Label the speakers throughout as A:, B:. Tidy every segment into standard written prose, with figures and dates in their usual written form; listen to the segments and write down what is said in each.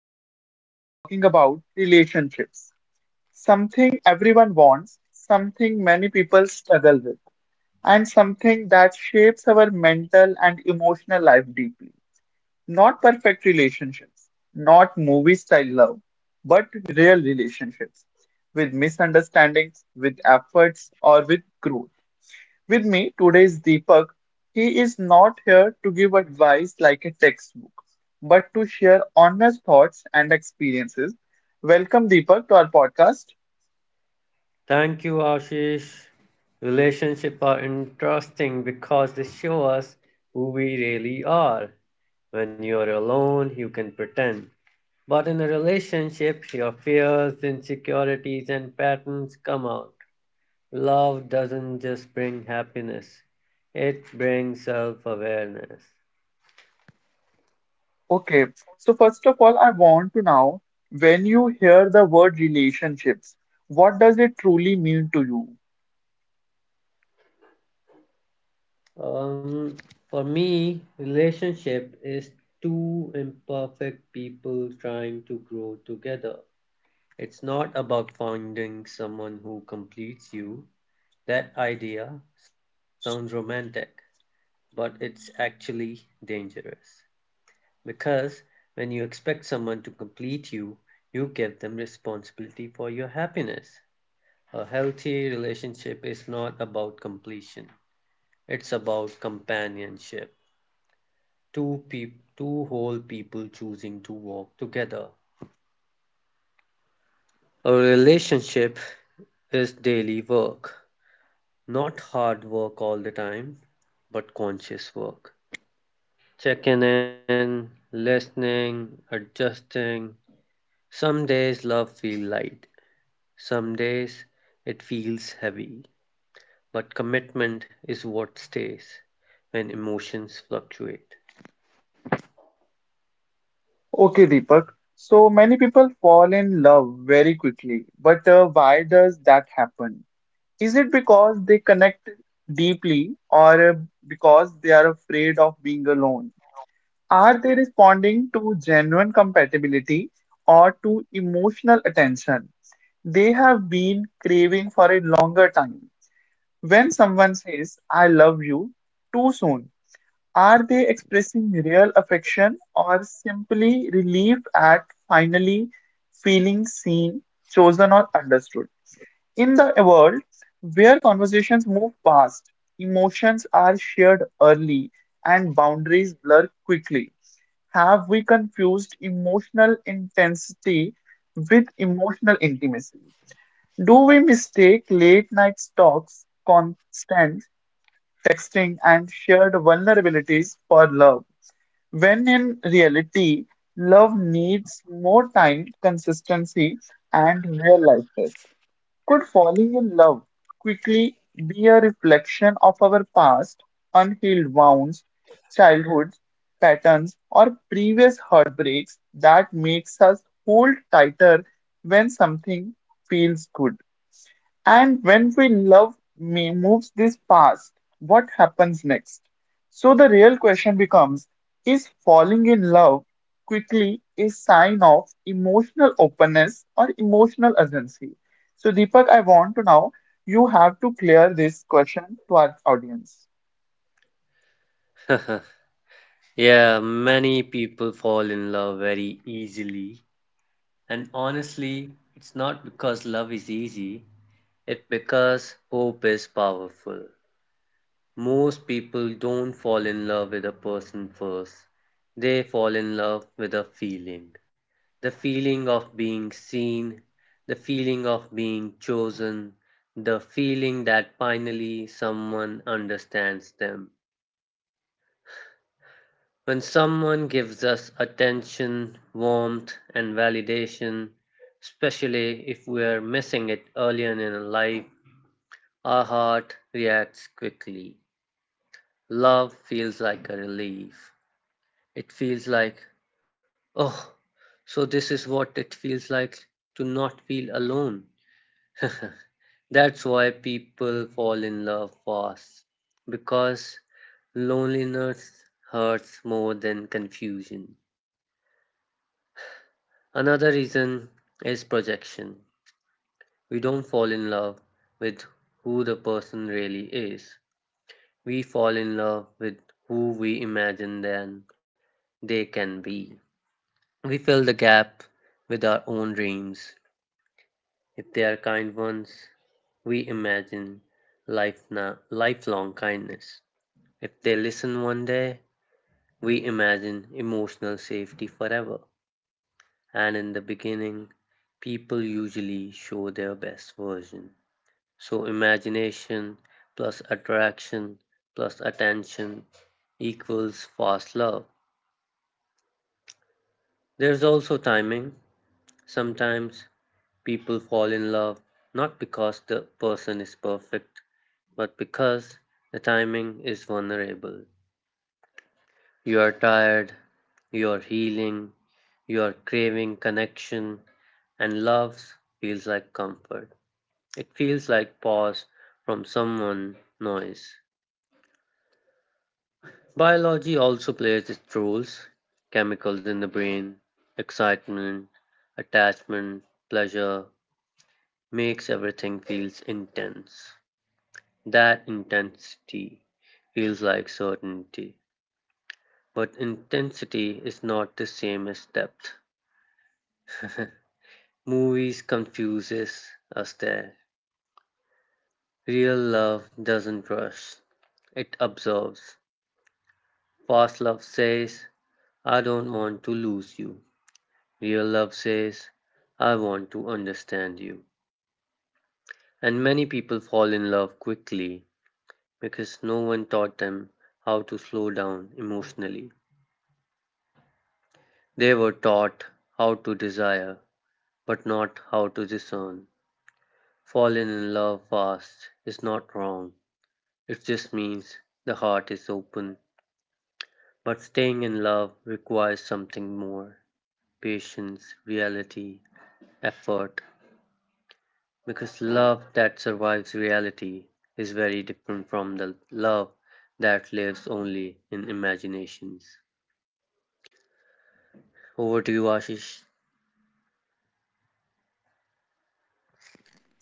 A: which today we are talking about relationships, something everyone wants, something many people struggle with, and something that shapes our mental and emotional life deeply. Not perfect relationships, not movie style love, but real relationships with misunderstandings, with efforts, or with growth. With me today is Deepak. He is not here to give advice like a textbook, but to share honest thoughts and experiences. Welcome, Deepak, to our podcast.
B: Thank you, Ashish. Relationships are interesting because they show us who we really are. When you're alone, you can pretend. But in a relationship, your fears, insecurities, and patterns come out. Love doesn't just bring happiness, it brings self awareness.
A: Okay, so first of all, I want to know, when you hear the word relationships, what does it truly mean to you?
B: Um, for me, relationship is two imperfect people trying to grow together. It's not about finding someone who completes you. That idea sounds romantic, but it's actually dangerous. Because when you expect someone to complete you, you give them responsibility for your happiness. A healthy relationship is not about completion, it's about companionship. Two whole people choosing to walk together. A relationship is daily work. Not hard work all the time, but conscious work. Checking in, listening, adjusting. Some days love feels light, some days it feels heavy, but commitment is what stays when emotions fluctuate.
A: Okay, Deepak. So many people fall in love very quickly, but why does that happen? Is it because they connect deeply, or because they are afraid of being alone? Are they responding to genuine compatibility or to emotional attention they have been craving for a longer time? When someone says, I love you too soon, are they expressing real affection or simply relief at finally feeling seen, chosen, or understood? In the world where conversations move fast, emotions are shared early and boundaries blur quickly. Have we confused emotional intensity with emotional intimacy? Do we mistake late night talks, constant texting, and shared vulnerabilities for love, when in reality, love needs more time, consistency, and real life test? Could falling in love quickly be a reflection of our past, unhealed wounds, childhoods, patterns, or previous heartbreaks that makes us hold tighter when something feels good? And when we love me moves this past, what happens next? So the real question becomes, is falling in love quickly a sign of emotional openness or emotional urgency? So Deepak, I want to now, you have to clear this question to our audience.
B: Yeah, many people fall in love very easily, and honestly, it's not because love is easy, it's because hope is powerful. Most people don't fall in love with a person first. They fall in love with a feeling. The feeling of being seen, the feeling of being chosen, the feeling that finally someone understands them. When someone gives us attention, warmth, and validation, especially if we are missing it earlier in life, our heart reacts quickly. Love feels like a relief. It feels like, oh, so this is what it feels like to not feel alone. That's why people fall in love fast, because loneliness hurts more than confusion. Another reason is projection. We don't fall in love with who the person really is, we fall in love with who we imagine then they can be. We fill the gap with our own dreams. If they are kind ones, we imagine lifelong kindness. If they listen one day, we imagine emotional safety forever. And in the beginning, people usually show their best version. So, imagination plus attraction plus attention equals fast love. There's also timing. Sometimes people fall in love not because the person is perfect, but because the timing is vulnerable. You are tired, you are healing, you are craving connection, and love feels like comfort. It feels like pause from someone noise. Biology also plays its roles, chemicals in the brain, excitement, attachment, pleasure, makes everything feels intense. That intensity feels like certainty, but intensity is not the same as depth. Movies confuses us there. Real love doesn't rush; it observes. Fast love says, "I don't want to lose you." Real love says, "I want to understand you." And many people fall in love quickly because no one taught them how to slow down emotionally. They were taught how to desire, but not how to discern. Falling in love fast is not wrong, it just means the heart is open. But staying in love requires something more, patience, reality, effort. Because love that survives reality is very different from the love that lives only in imaginations. Over to you, Ashish.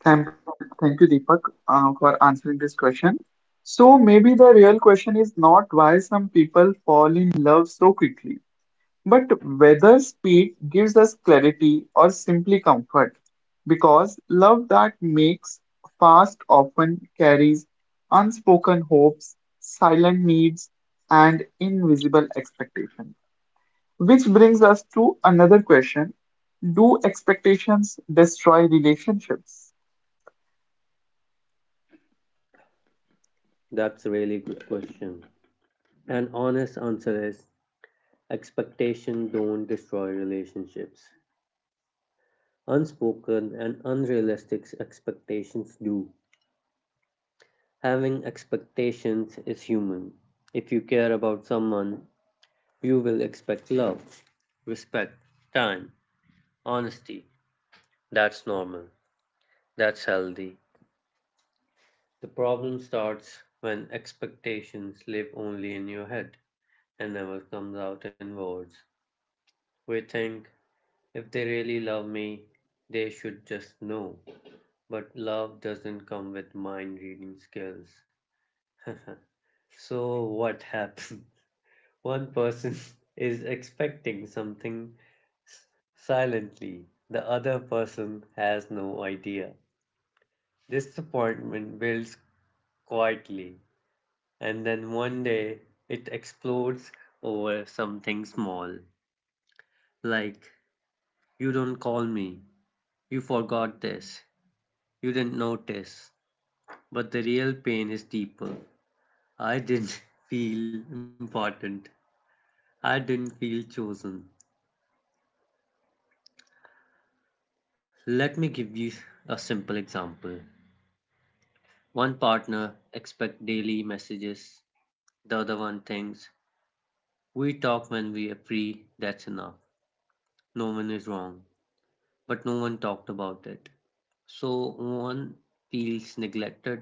A: Thank you, Deepak, for answering this question. So maybe the real question is not why some people fall in love so quickly, but whether speed gives us clarity or simply comfort, because love that makes fast often carries unspoken hopes, silent needs, and invisible expectations. Which brings us to another question: do expectations destroy relationships?
B: That's a really good question. An honest answer is, expectations don't destroy relationships. Unspoken and unrealistic expectations do. Having expectations is human. If you care about someone, you will expect love, respect, time, honesty. That's normal. That's healthy. The problem starts when expectations live only in your head and never comes out in words. We think, if they really love me, they should just know. But love doesn't come with mind reading skills. So what happened? One person is expecting something silently, the other person has no idea. Disappointment builds quietly, and then one day it explodes over something small. Like, you don't call me, you forgot this, you didn't notice. But the real pain is deeper. I didn't feel important. I didn't feel chosen. Let me give you a simple example. One partner expects daily messages, the other one thinks, we talk when we are free, that's enough. No one is wrong. But no one talked about it. So one feels neglected,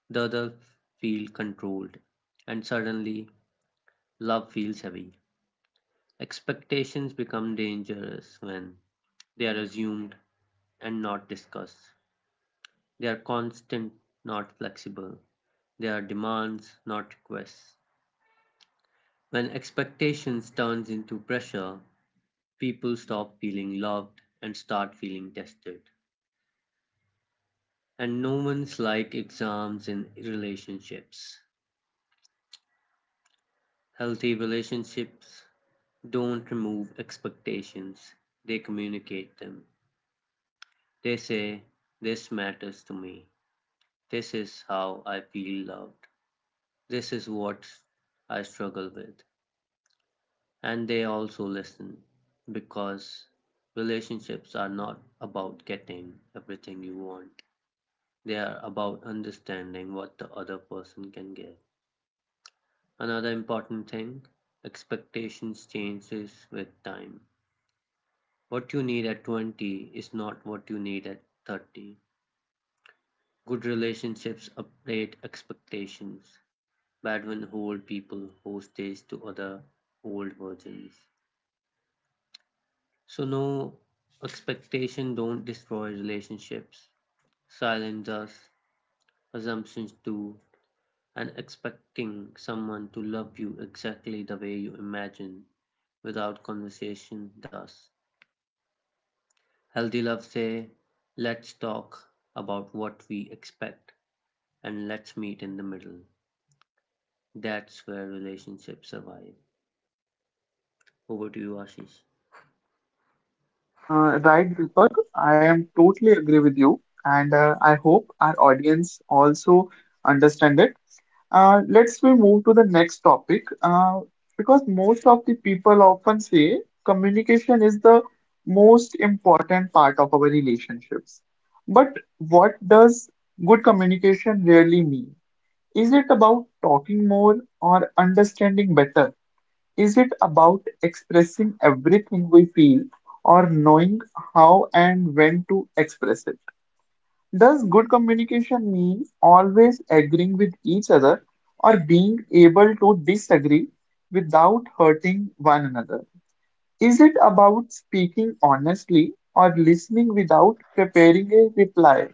B: the other feels controlled, and suddenly love feels heavy. Expectations become dangerous when they are assumed and not discussed. They are constant, not flexible. They are demands, not requests. When expectations turns into pressure, people stop feeling loved and start feeling tested. And no one's like exams in relationships. Healthy relationships don't remove expectations. They communicate them. They say, this matters to me. This is how I feel loved. This is what I struggle with. And they also listen, because relationships are not about getting everything you want, they are about understanding what the other person can give. Another important thing, expectations changes with time. What you need at 20 is not what you need at 30. Good relationships update expectations. Bad ones hold people hostage to other old versions. So no, expectation don't destroy relationships. Silence us, assumptions do, and expecting someone to love you exactly the way you imagine without conversation does. Healthy love say, let's talk about what we expect and let's meet in the middle. That's where relationships survive. Over to you, Ashish.
A: Right, Deepak, I am totally agree with you, and I hope our audience also understand it. Let's we move to the next topic, because most of the people often say communication is the most important part of our relationships. But what does good communication really mean? Is it about talking more or understanding better? Is it about expressing everything we feel or knowing how and when to express it? Does good communication mean always agreeing with each other or being able to disagree without hurting one another? Is it about speaking honestly or listening without preparing a reply?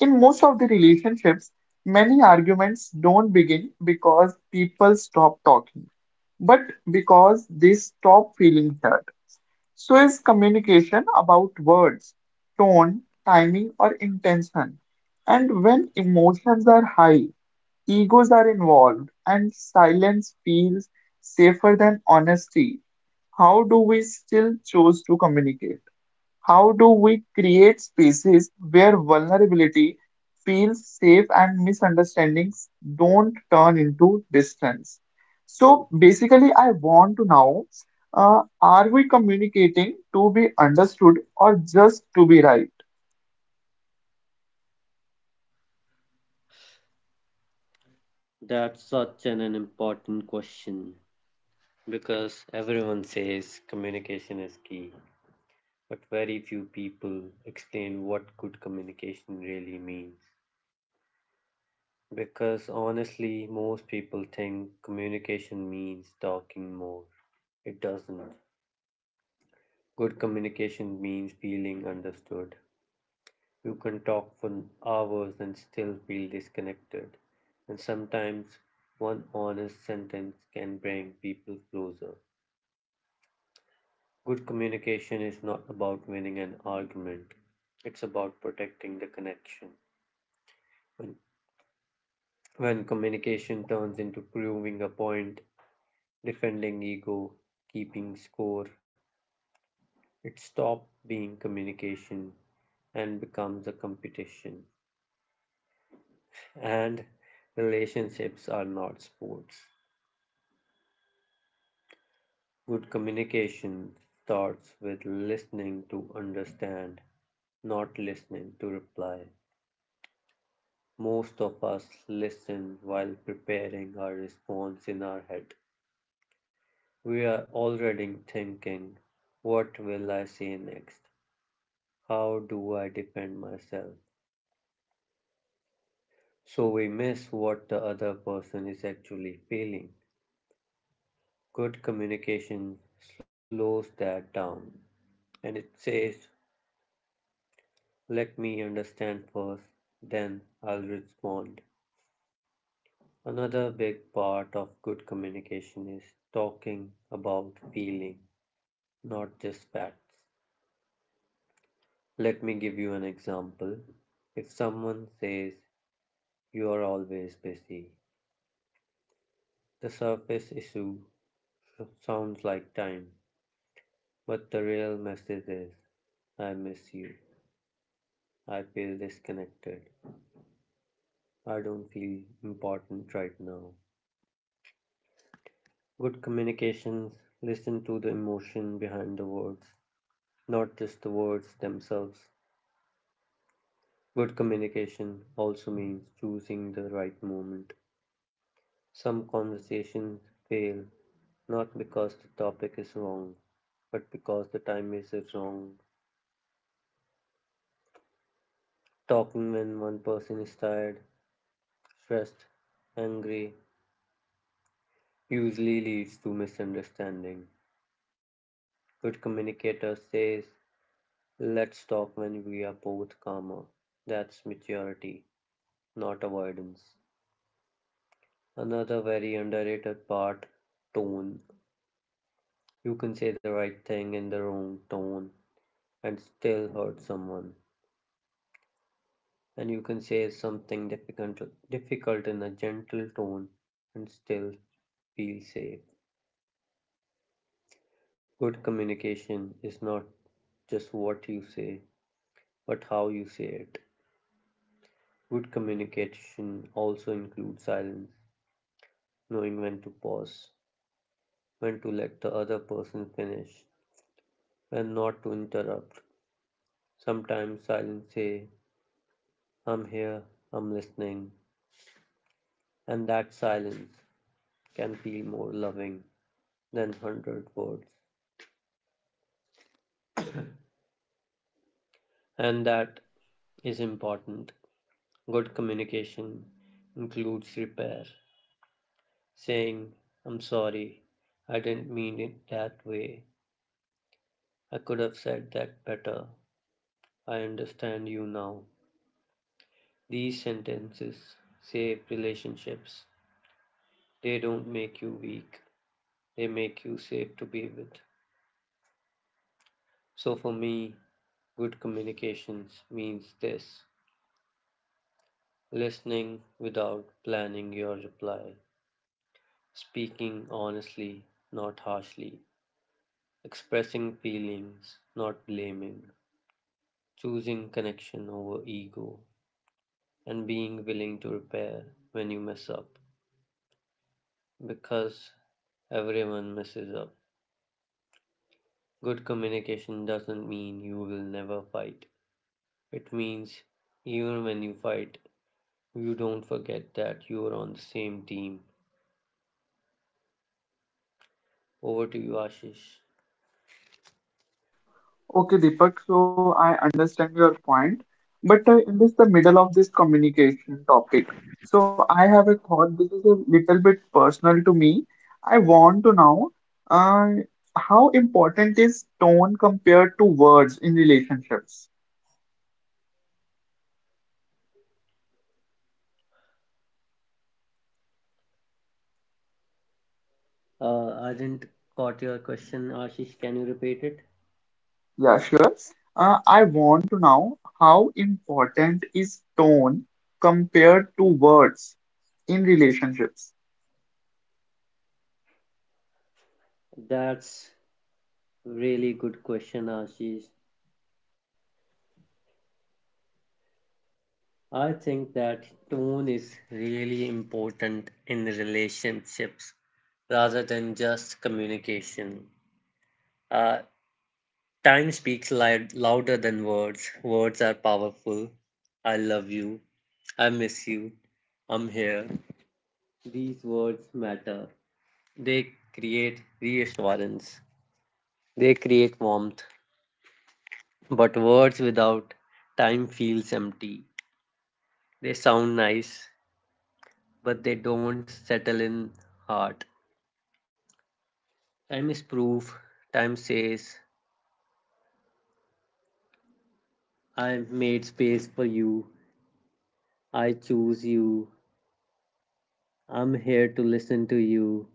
A: In most of the relationships, many arguments don't begin because people stop talking, but because they stop feeling heard. So is communication about words, tone, timing, or intention? And when emotions are high, egos are involved, and silence feels safer than honesty, how do we still choose to communicate? How do we create spaces where vulnerability feels safe and misunderstandings don't turn into distance? So basically, I want to know, are we communicating to be understood or just to be right?
B: That's such an important question because everyone says communication is key. But very few people explain what good communication really means. Because honestly, most people think communication means talking more. It doesn't. Good communication means feeling understood. You can talk for hours and still feel disconnected. And sometimes one honest sentence can bring people closer. Good communication is not about winning an argument, it's about protecting the connection. When When communication turns into proving a point, defending ego, keeping score, it stops being communication and becomes a competition. And relationships are not sports. Good communication starts with listening to understand, not listening to reply. Most of us listen while preparing our response in our head. We are already thinking, what will I say next? How do I defend myself? So we miss what the other person is actually feeling. Good communication slows that down and it says, let me understand first, then I'll respond. Another big part of good communication is talking about feeling, not just facts. Let me give you an example. If someone says, you are always busy. The surface issue sounds like time, but the real message is, I miss you. I feel disconnected. I don't feel important right now. Good communications listen to the emotion behind the words, not just the words themselves. Good communication also means choosing the right moment. Some conversations fail not because the topic is wrong, but because the time is wrong. Talking when one person is tired, stressed, angry usually leads to misunderstanding. Good communicator says, let's talk when we are both calmer. That's maturity, not avoidance. Another very underrated part, tone. You can say the right thing in the wrong tone and still hurt someone. And you can say something difficult in a gentle tone and still feel safe. Good communication is not just what you say, but how you say it. Good communication also includes silence, knowing when to pause, when to let the other person finish, when not to interrupt. Sometimes silence say, I'm here, I'm listening, and that silence can feel more loving than hundred words. And that is important. Good communication includes repair. Saying, I'm sorry, I didn't mean it that way. I could have said that better. I understand you now. These sentences save relationships. They don't make you weak, they make you safe to be with. So for me, good communications means this, listening without planning your reply, speaking honestly, not harshly, expressing feelings, not blaming, choosing connection over ego, and being willing to repair when you mess up because everyone messes up. Good communication doesn't mean you will never fight, it means even when you fight, you don't forget that you are on the same team. Over to you, Ashish.
A: Okay, Deepak, so I understand your point, but in this the middle of this communication topic, so I have a thought. This is a little bit personal to me. I want to know, uh, how important is tone compared to words in relationships?
B: I didn't caught your question, Ashish. Can you repeat it?
A: Yeah, sure. I want to know how important is tone compared to words in relationships?
B: That's really good question, Ashish. I think that tone is really important in relationships rather than just communication. Uh, Time speaks louder than words. Words are powerful. I love you. I miss you. I'm here. These words matter. They create reassurance. They create warmth. But words without time feels empty. They sound nice, but they don't settle in heart. Time is proof. Time says, I've made space for you. I choose you. I'm here to listen to you.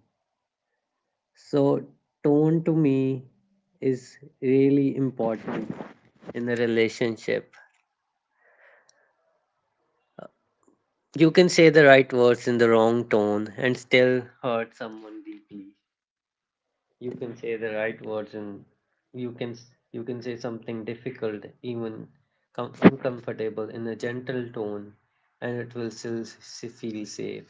B: So, tone to me is really important in a relationship. You can say the right words in the wrong tone and still hurt someone deeply. You can say the right words and you can you can say something difficult, even uncomfortable in a gentle tone, and it will still feel safe.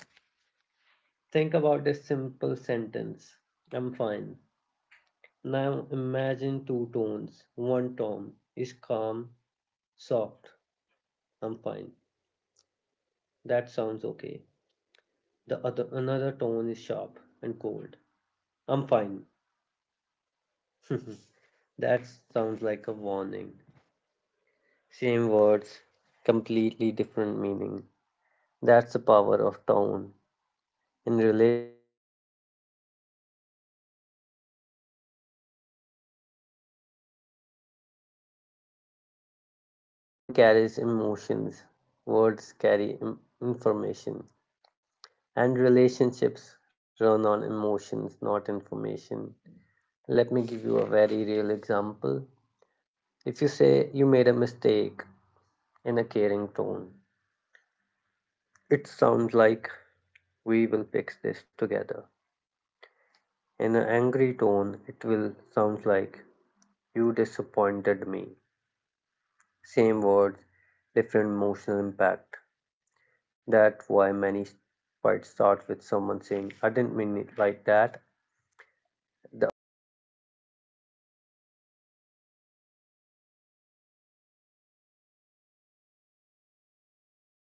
B: Think about this simple sentence, I'm fine. Now imagine two tones. One tone is calm, soft, I'm fine. That sounds okay. The other another tone is sharp and cold, I'm fine. That sounds like a warning. Same words, completely different meaning. That's the power of tone. In relationships, people don't remember sentences. They remember how you made them feel while speaking. Tone carries emotions, words carry information, and relationships run on emotions, not information. Let me give you a very real example. If you say you made a mistake in a caring tone, it sounds like, we will fix this together. In an angry tone, it will sound like, you disappointed me. Same words, different emotional impact. That's why many fights start with someone saying, I didn't mean it like that. The other person says, maybe, but it felt